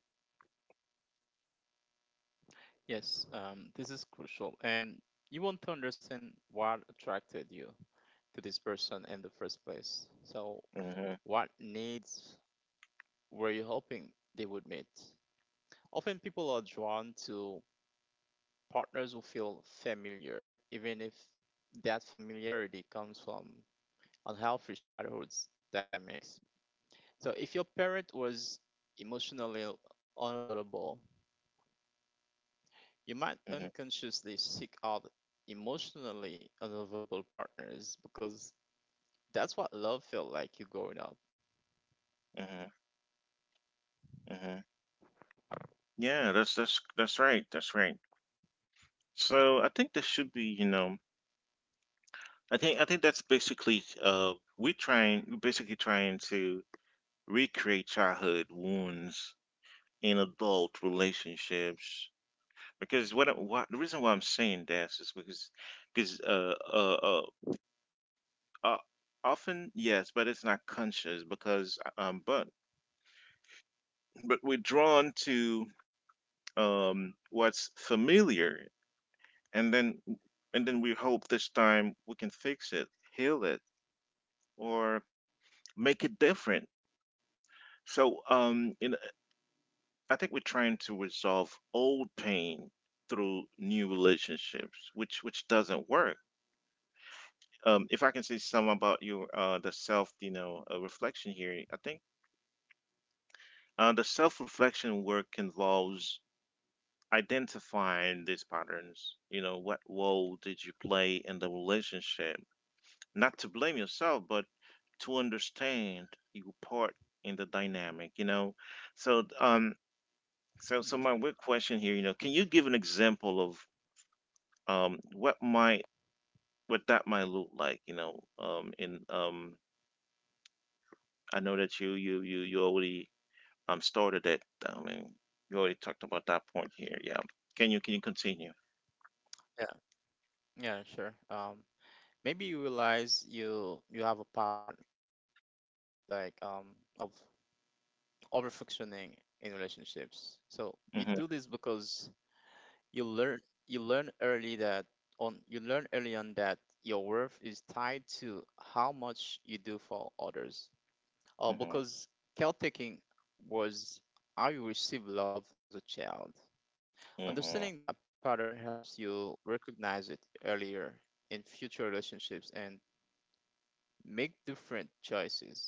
Speaker 2: Yes, this is crucial. And you want to understand what attracted you to this person in the first place. So,
Speaker 1: hmm
Speaker 2: what needs were you hoping they would meet? Often people are drawn to partners will feel familiar, even if that familiarity comes from unhealthy childhood dynamics. So, if your parent was emotionally unavailable, you might
Speaker 1: hmm
Speaker 2: unconsciously seek out emotionally unavailable partners because that's what love felt like you growing up.
Speaker 1: hmm hmm yeah, that's right, that's right. So I think there should be, you know, I think that's basically, we're basically trying to recreate childhood wounds in adult relationships. Because why, the reason why I'm saying this is because because uh, uh, uh, uh often, yes, but it's not conscious, because but we're drawn to what's familiar, and then we
Speaker 2: Mm-hmm.
Speaker 1: hope this time we can fix it, heal it, or make it different. so um in, I think we're trying to resolve old pain through new relationships, which doesn't work. If I can say something about your the self, you know, reflection here, I think the self reflection work involves identifying these patterns. You know, what role did you play in the relationship? Not to blame yourself, but to understand your part in the dynamic. So um,
Speaker 2: Mm-hmm.
Speaker 1: my weird question here, you know, can you give an example of what might, what that might look like? You know, in. I know that you already started it. I mean, you already talked about that point here. Yeah. Can you continue?
Speaker 2: Yeah, yeah, sure. Maybe you realize you have a pattern like of over functioning in relationships. So you do this
Speaker 1: Mhm.
Speaker 2: because you learn you learn early that on you learn early on that your worth is tied to how much you do for others.
Speaker 1: Mhm.
Speaker 2: Because caretaking was how you receive love as a child.
Speaker 1: Mhm.
Speaker 2: Understanding that pattern helps you recognize it earlier in future relationships and make different choices.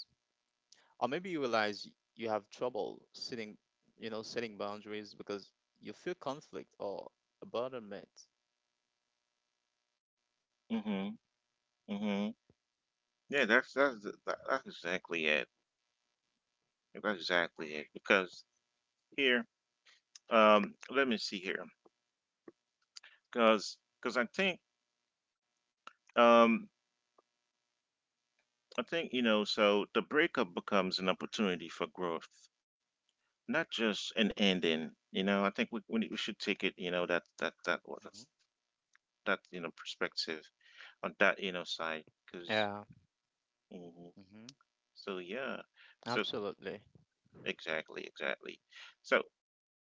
Speaker 2: Or maybe you realize you have trouble setting boundaries because you feel conflict or abandonment.
Speaker 1: Mhm. Mhm. Yeah, that's exactly it. That's exactly it. Because here, let me see here, because um I think, you know, so the breakup becomes an opportunity for growth, not just an ending. You know, I think we should take it, you know, that, that, that, what
Speaker 2: Mhm,
Speaker 1: that's, that, you know, perspective on that, you know, side,
Speaker 2: yeah,
Speaker 1: because hmm
Speaker 2: mhm,
Speaker 1: so, yeah. So,
Speaker 2: absolutely.
Speaker 1: exactly, exactly. So,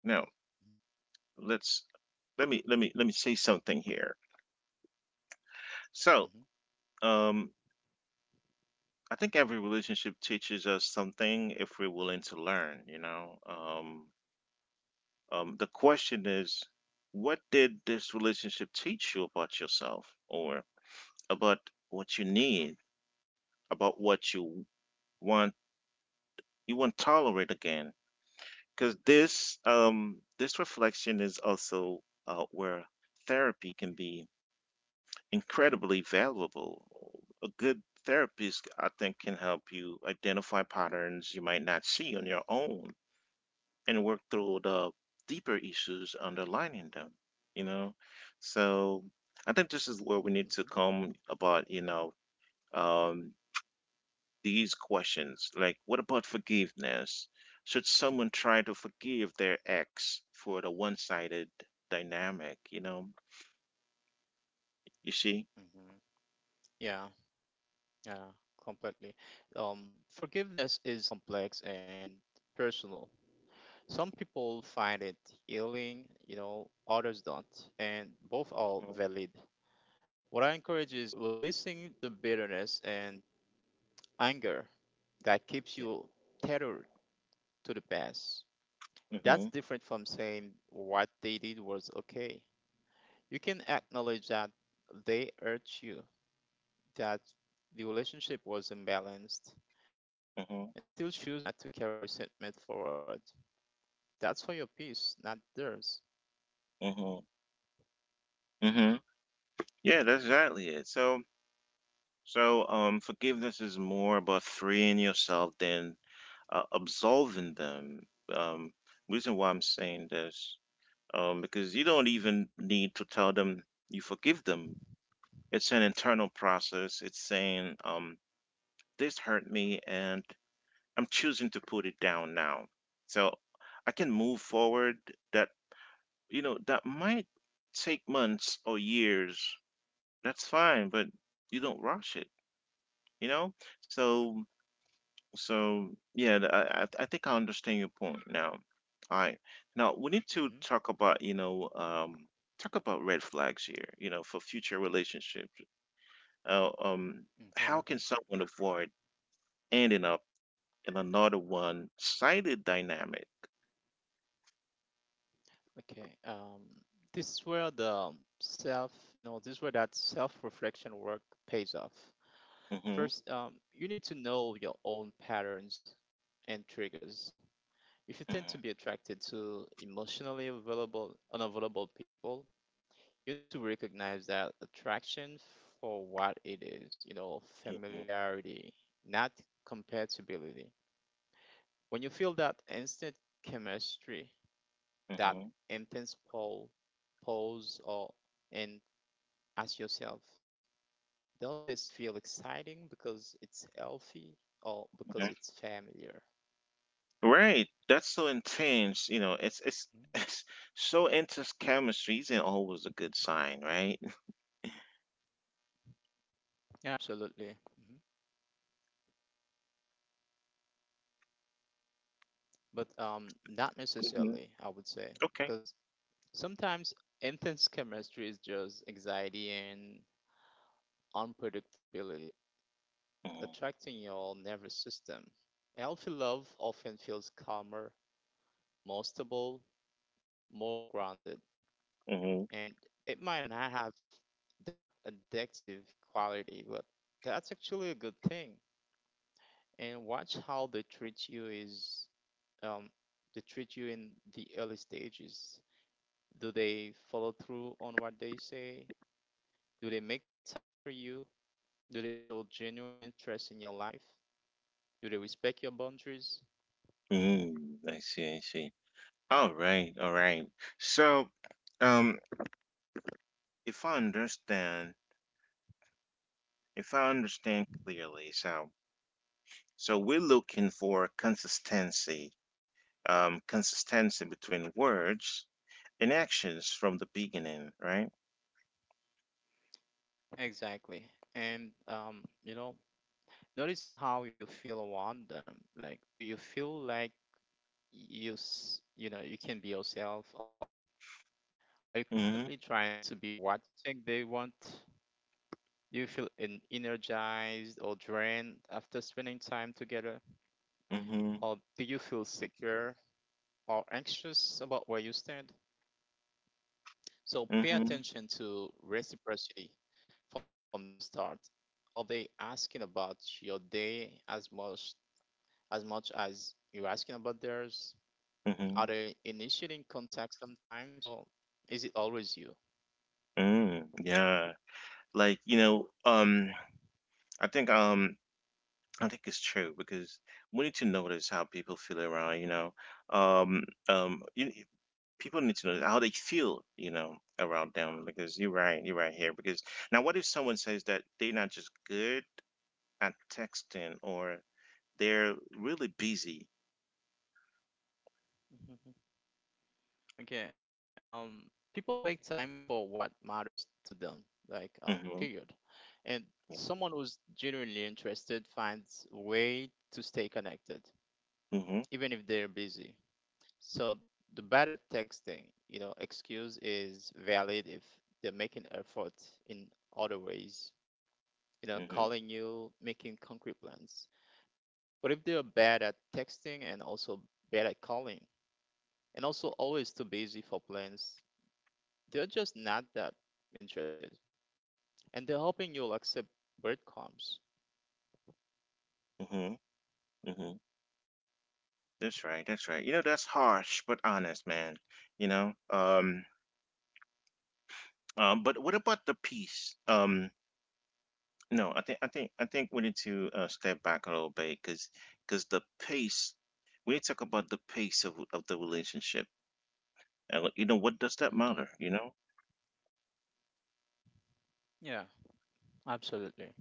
Speaker 1: now
Speaker 2: Mhm,
Speaker 1: let's, let me, let me, let me say something here.
Speaker 2: mhm,
Speaker 1: So, um, I think every relationship teaches us something if we're willing to learn, you know. The question is, what did this relationship teach you about yourself, or about what you need, about what you want, you won't tolerate again? Because this, this reflection is also where therapy can be incredibly valuable. A good therapist, I think, can help you identify patterns you might not see on your own and work through the deeper issues underlying them, you know? So I think this is where we
Speaker 2: mhm,
Speaker 1: need to come about, you know, um, these questions. Like, what about forgiveness? Should someone try to forgive their ex for the one sided dynamic, you know? You see?
Speaker 2: mhm. Yeah, yeah, completely. Forgiveness is complex and personal. Some people find it healing, you know, others don't, and both are
Speaker 1: Mhm.
Speaker 2: valid. What I encourage is releasing the bitterness and anger that keeps
Speaker 1: Yeah.
Speaker 2: you tethered to the past.
Speaker 1: Mm-hmm.
Speaker 2: That's different from saying what they did was okay. You can acknowledge that they hurt you, that the relationship was imbalanced, and still
Speaker 1: Mm-hmm.
Speaker 2: choose not to carry resentment forward. That's for your peace, not theirs.
Speaker 1: Mm-hmm. Mm-hmm. Yeah, that's exactly it. Forgiveness is more about freeing yourself than absolving them. Um, Reason why I'm saying this, because you don't even need to tell them you forgive them. It's an internal process. It's saying, this hurt me and I'm choosing to put it down now, so I can move forward. that, you know, that might take months or years. That's fine, but you don't rush it, you know? So So I think I understand your point now. All right, now we need to talk
Speaker 2: Hmm.
Speaker 1: about, talk about red flags here. You know, for future relationships. Uh, um, how can
Speaker 2: Okay.
Speaker 1: someone avoid ending up in another one-sided dynamic?
Speaker 2: Okay. This is where the self, this is where that self-reflection work pays off.
Speaker 1: hmm
Speaker 2: First, you need to know your own patterns and triggers. If you
Speaker 1: hmm
Speaker 2: tend to be attracted to emotionally available, unavailable people, you need to recognize that attraction for what it is, you know,
Speaker 1: hmm
Speaker 2: familiarity, not compatibility. When you feel that instant chemistry, that intense pull, pose, or and ask yourself, does this feel exciting because it's healthy or because
Speaker 1: hmm
Speaker 2: it's familiar?
Speaker 1: Right, that's so intense. You know, it's it's.
Speaker 2: Mhm.
Speaker 1: <laughs> It's so intense, chemistry isn't always a good sign, right?
Speaker 2: Yeah, absolutely. But not
Speaker 1: <laughs> hmm
Speaker 2: necessarily, I would say,
Speaker 1: Okay.
Speaker 2: because sometimes intense chemistry is just anxiety and unpredictability attracting your nervous system. Healthy love often feels calmer, more stable, more grounded,
Speaker 1: hmm
Speaker 2: and it might not have that addictive quality, but that's actually a good thing. And watch how they treat you is um, they treat you in the early stages. Do they follow through on what they say? Do they make time for you? Do they show genuine interest in your life? Do they respect your boundaries?
Speaker 1: Mm, I see, I see. All right, all right. So, um, if I understand, if I understand clearly, so so we're looking for consistency, consistency between words and actions from the beginning, right?
Speaker 2: Exactly. And, you know, notice how you feel around them. Like, do you feel like you know, you can be yourself, or are you constantly
Speaker 1: Mm-hmm,
Speaker 2: trying to be what you think they want? Do you feel energized or drained after spending time together?
Speaker 1: mm-hmm,
Speaker 2: Or do you feel secure or anxious about where you stand? So pay
Speaker 1: mm-hmm,
Speaker 2: attention to reciprocity from the start. Are they asking about your day as much as you're asking about theirs?
Speaker 1: mm-hmm.
Speaker 2: Are they initiating contact sometimes or is it always you?
Speaker 1: Mm, yeah. Like, you know, I think um I think it's true because we need to notice how people feel around, you know. Um, um, you, People need to know how they feel, you know, around them. Because you're right here. Because now, what if someone says that they're not just good at texting or they're really busy?
Speaker 2: Mhm. Okay, people make time for what matters to them, like
Speaker 1: Mm-hmm.
Speaker 2: period. And someone who's genuinely interested finds way to stay connected,
Speaker 1: Mm-hmm.
Speaker 2: even if they're busy. So the bad at texting, you know, excuse is valid if they're making effort in other ways, you know,
Speaker 1: Mm-hmm.
Speaker 2: calling you, making concrete plans. But if they're bad at texting and also bad at calling, and also always too busy for plans, they're just not that interested. And they're hoping you'll accept breadcrumbs.
Speaker 1: Mm-hmm. Mm-hmm. That's right. That's right. You know, that's harsh, but honest, man. You know, um, but what about the peace? No, I think we need to step back a little bit, because the pace we need to talk about the pace of the relationship. And like, you know, what does that matter?
Speaker 2: Hmm.
Speaker 1: You know?
Speaker 2: Yeah, absolutely.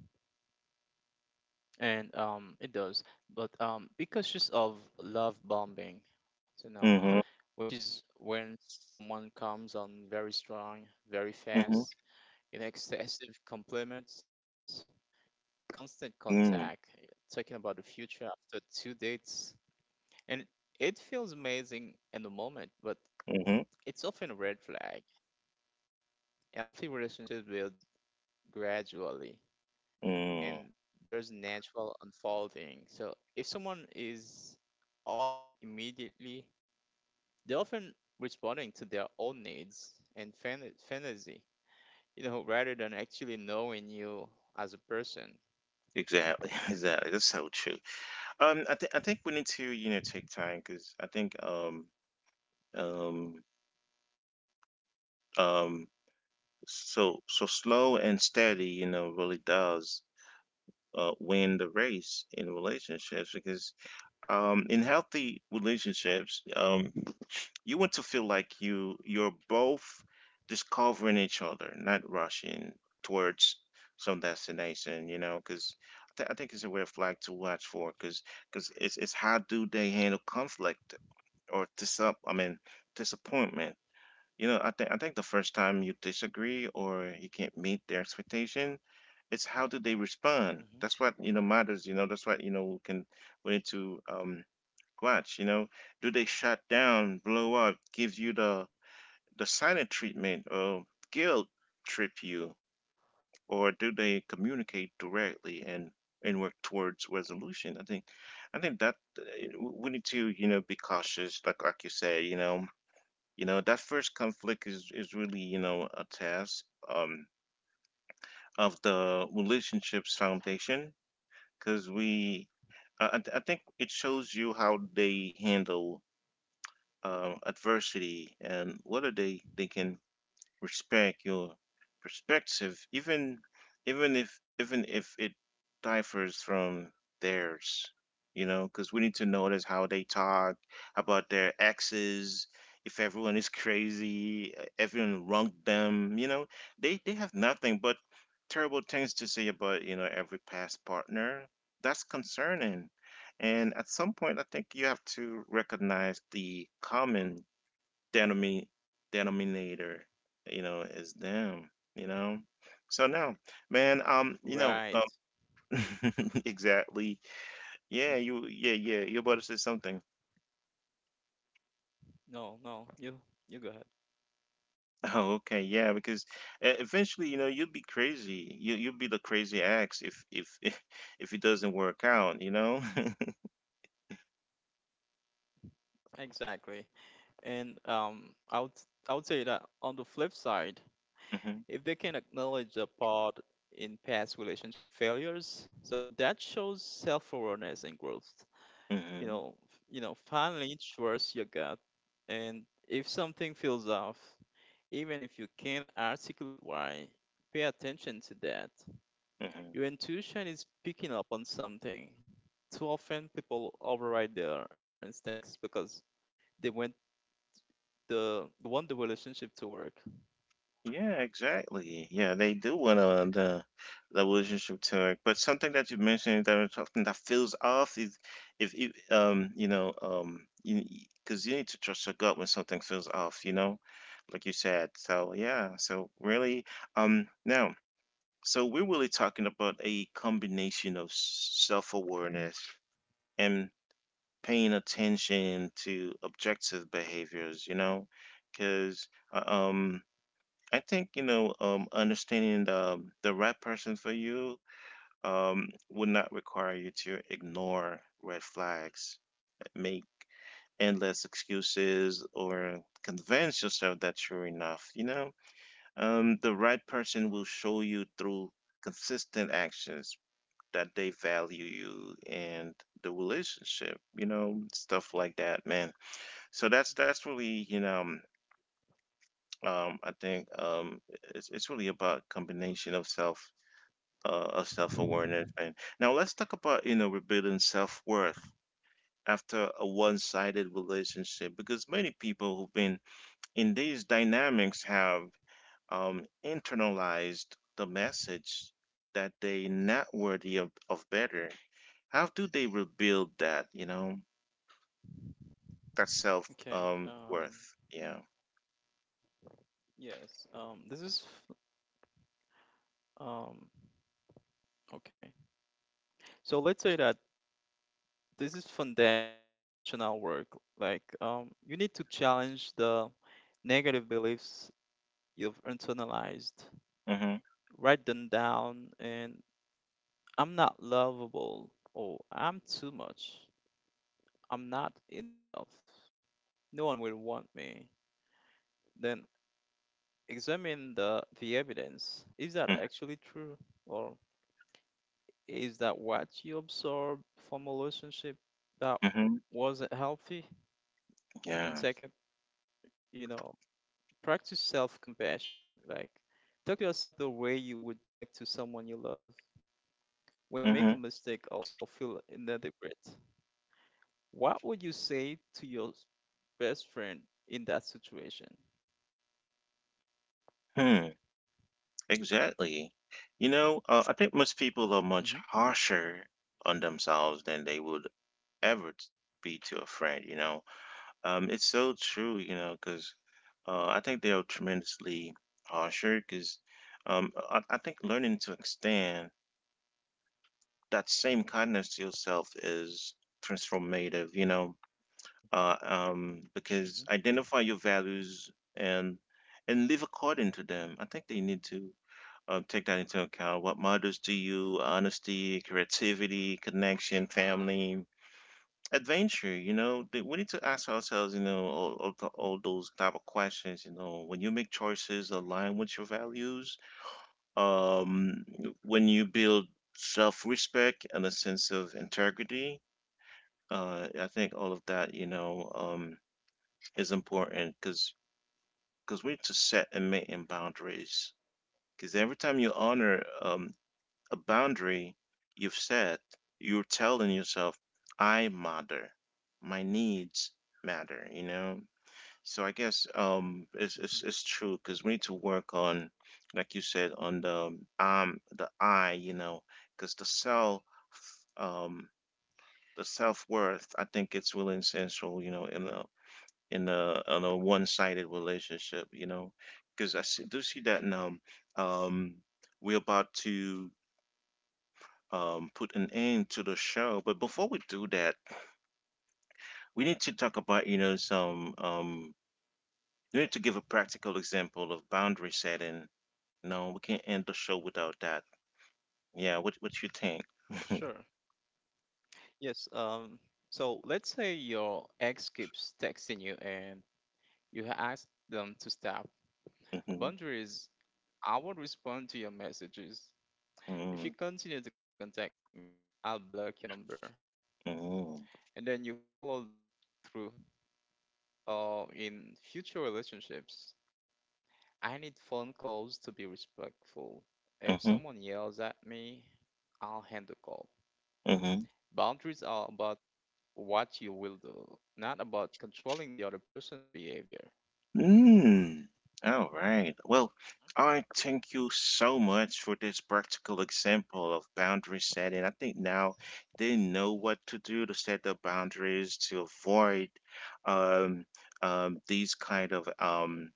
Speaker 2: And it does. But because just of love bombing, you know,
Speaker 1: Mm-hmm.
Speaker 2: which is when someone comes on very strong, very
Speaker 1: Mm-hmm.
Speaker 2: fast, in excessive compliments, constant contact,
Speaker 1: Mm.
Speaker 2: talking about the future after two dates. And it feels amazing in the moment, but
Speaker 1: Mm-hmm.
Speaker 2: it's often a red flag. Healthy relationships build gradually
Speaker 1: Mm.
Speaker 2: and there's natural unfolding. So if someone is all in immediately, they're often responding to their own needs and fantasy, you know, rather than actually knowing you as a person.
Speaker 1: Exactly. <laughs> Exactly. That's so true. I think we need to, you know, take time, because I think um um so so slow and steady, you know, really does win the race in relationships. Because in healthy relationships, you want to feel like you're both discovering each other, not rushing towards some destination, you know. Because I think it's a red flag to watch for, because it's how do they handle conflict or disappointment. You know, I think the first time you disagree or you can't meet their expectation, it's how do they respond. That's what, you
Speaker 2: Hmm.
Speaker 1: know, matters. You know, that's what, you know, we need to watch, you know. Do they shut down, blow up, give you the silent treatment, or guilt trip you, or do they communicate directly and work towards resolution? I think that we need to, you know, be cautious, like you say, you know, you know, that first conflict is really, you know, a test of the relationship's foundation, because we I think it shows you how they handle adversity, and what are they thinking, respect your perspective, even if, it differs from theirs, you know. Because we need to notice how they talk about their exes. If everyone is crazy, everyone wronged them, you know, they have nothing but terrible things to say about, you know, every past partner. That's concerning. And at some point, I think you have to recognize the common denomi- denominator, you know, is them, you know. So now, man,
Speaker 2: Right.
Speaker 1: <laughs> exactly.
Speaker 2: Hmm.
Speaker 1: Yeah. You're about to say something. <laughs>
Speaker 2: No, no, you go ahead.
Speaker 1: Oh, okay, yeah, because eventually, you know, you'll be crazy. You'll be the crazy ex if, <laughs> if it doesn't work out, you know. <laughs>
Speaker 2: Exactly. And I would say that on the flip side,
Speaker 1: hmm
Speaker 2: if they can acknowledge the part in past relationship failures, so that shows self-awareness and growth. You
Speaker 1: hmm
Speaker 2: know, finally trust your gut, and if something feels off, even if you can't articulate why, pay attention to that. Your
Speaker 1: hmm
Speaker 2: intuition is picking up on something. Too often people override their instincts because they want they want the relationship to work.
Speaker 1: Yeah, exactly. Yeah, they do want the relationship to work. But something that you mentioned that is something that feels off is if you you know you because you need to trust your gut when something feels off, you know, like you said. So yeah, so really now so we're really talking about a combination of self-awareness and paying attention to objective behaviors, you know. Because I think, understanding the right person for you would not require you to ignore red flags, make endless excuses, or convince yourself that you're enough. You know, the right person will show you through consistent actions that they value you and the relationship. You know, stuff like that, man. So that's really, you know. Um, I think um, it's really about combination of self, a self-awareness, and now let's talk about, you know, rebuilding self-worth after a one-sided relationship. Because many people who've been in these dynamics have internalized the message that they not worthy of better. How do they rebuild that, you know, that self
Speaker 2: Okay.
Speaker 1: worth? Yeah.
Speaker 2: Yes. Um okay. So let's say that this is foundational work. Like you need to challenge the negative beliefs you've internalized.
Speaker 1: Mm-hmm.
Speaker 2: Write them down and I'm not lovable or I'm too much. I'm not enough. No one will want me. Then examine the evidence. Is that
Speaker 1: Mm-hmm.
Speaker 2: actually true? Or is that what you observed from a relationship that
Speaker 1: Mm-hmm.
Speaker 2: wasn't healthy? And
Speaker 1: Yeah.
Speaker 2: second, you know, practice self compassion. Like, talk to yourself the way you would talk to someone you love. When you
Speaker 1: Mm-hmm.
Speaker 2: make a mistake or feel inadequate, what would you say to your best friend in that situation?
Speaker 1: Hmm. Exactly. You know, I think most people are much
Speaker 2: Hmm.
Speaker 1: harsher on themselves than they would ever be to a friend, you know. It's so true, you know, because I think they are tremendously harsher, because I think learning to extend that same kindness to yourself is transformative, you know.
Speaker 2: Hmm.
Speaker 1: Because
Speaker 2: Hmm.
Speaker 1: identify your values and live according to them. I think they need to take that into account. What matters to you? Honesty, creativity, connection, family, adventure. You know, we need to ask ourselves, you know, all those type of questions. You know, when you make choices aligned with your values, um, when you build self-respect and a sense of integrity, I think all of that, you know, is important. Because we need to set and maintain boundaries. Because every time you honor a boundary you've set, you're telling yourself, I matter. My needs matter, you know? So I guess it's,
Speaker 2: Hmm.
Speaker 1: it's true, because we need to work on, like you said, on the I, you know. Because um the self worth, I think it's really essential, you know, in a, in a one sided relationship, you know. Because I see, do see that now. um we're about to put an end to the show. But before we do that, we need to talk about, you know, some, we need to give a practical example of boundary setting. No, we can't end the show without that. Yeah, what you think?
Speaker 2: Sure. Yes. So let's say your ex keeps texting you and you ask them to stop. A
Speaker 1: Mm-hmm.
Speaker 2: boundary is I will respond to your messages. If
Speaker 1: Mm-hmm.
Speaker 2: you continue to contact me, I'll block your number.
Speaker 1: Mm-hmm.
Speaker 2: And then you follow through in future relationships. I need phone calls to be respectful. If
Speaker 1: Mm-hmm.
Speaker 2: someone yells at me, I'll hand the call.
Speaker 1: Mm-hmm.
Speaker 2: Boundaries are about what you will do, not about controlling the other person's behavior.
Speaker 1: Mm. All right. Well, I thank you so much for this practical example of boundary setting. I think now they know what to do to set the boundaries to avoid um, these kind of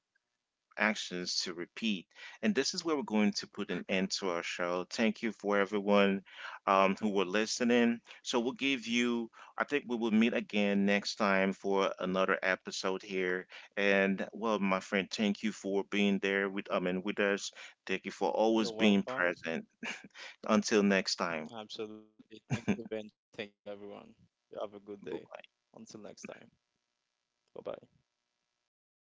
Speaker 1: actions to repeat. And this is where we're going to put an end to our show. Thank you for everyone who were listening. So we'll give you, I think we will meet again next time for another episode here. And well, my friend, thank you for being there with, I mean, with us. Thank you for always
Speaker 2: You're
Speaker 1: being
Speaker 2: welcome.
Speaker 1: present. Until next time.
Speaker 2: Absolutely. Thank you, Benji. Thank you, everyone. You have a good day. Until next time. Bye bye.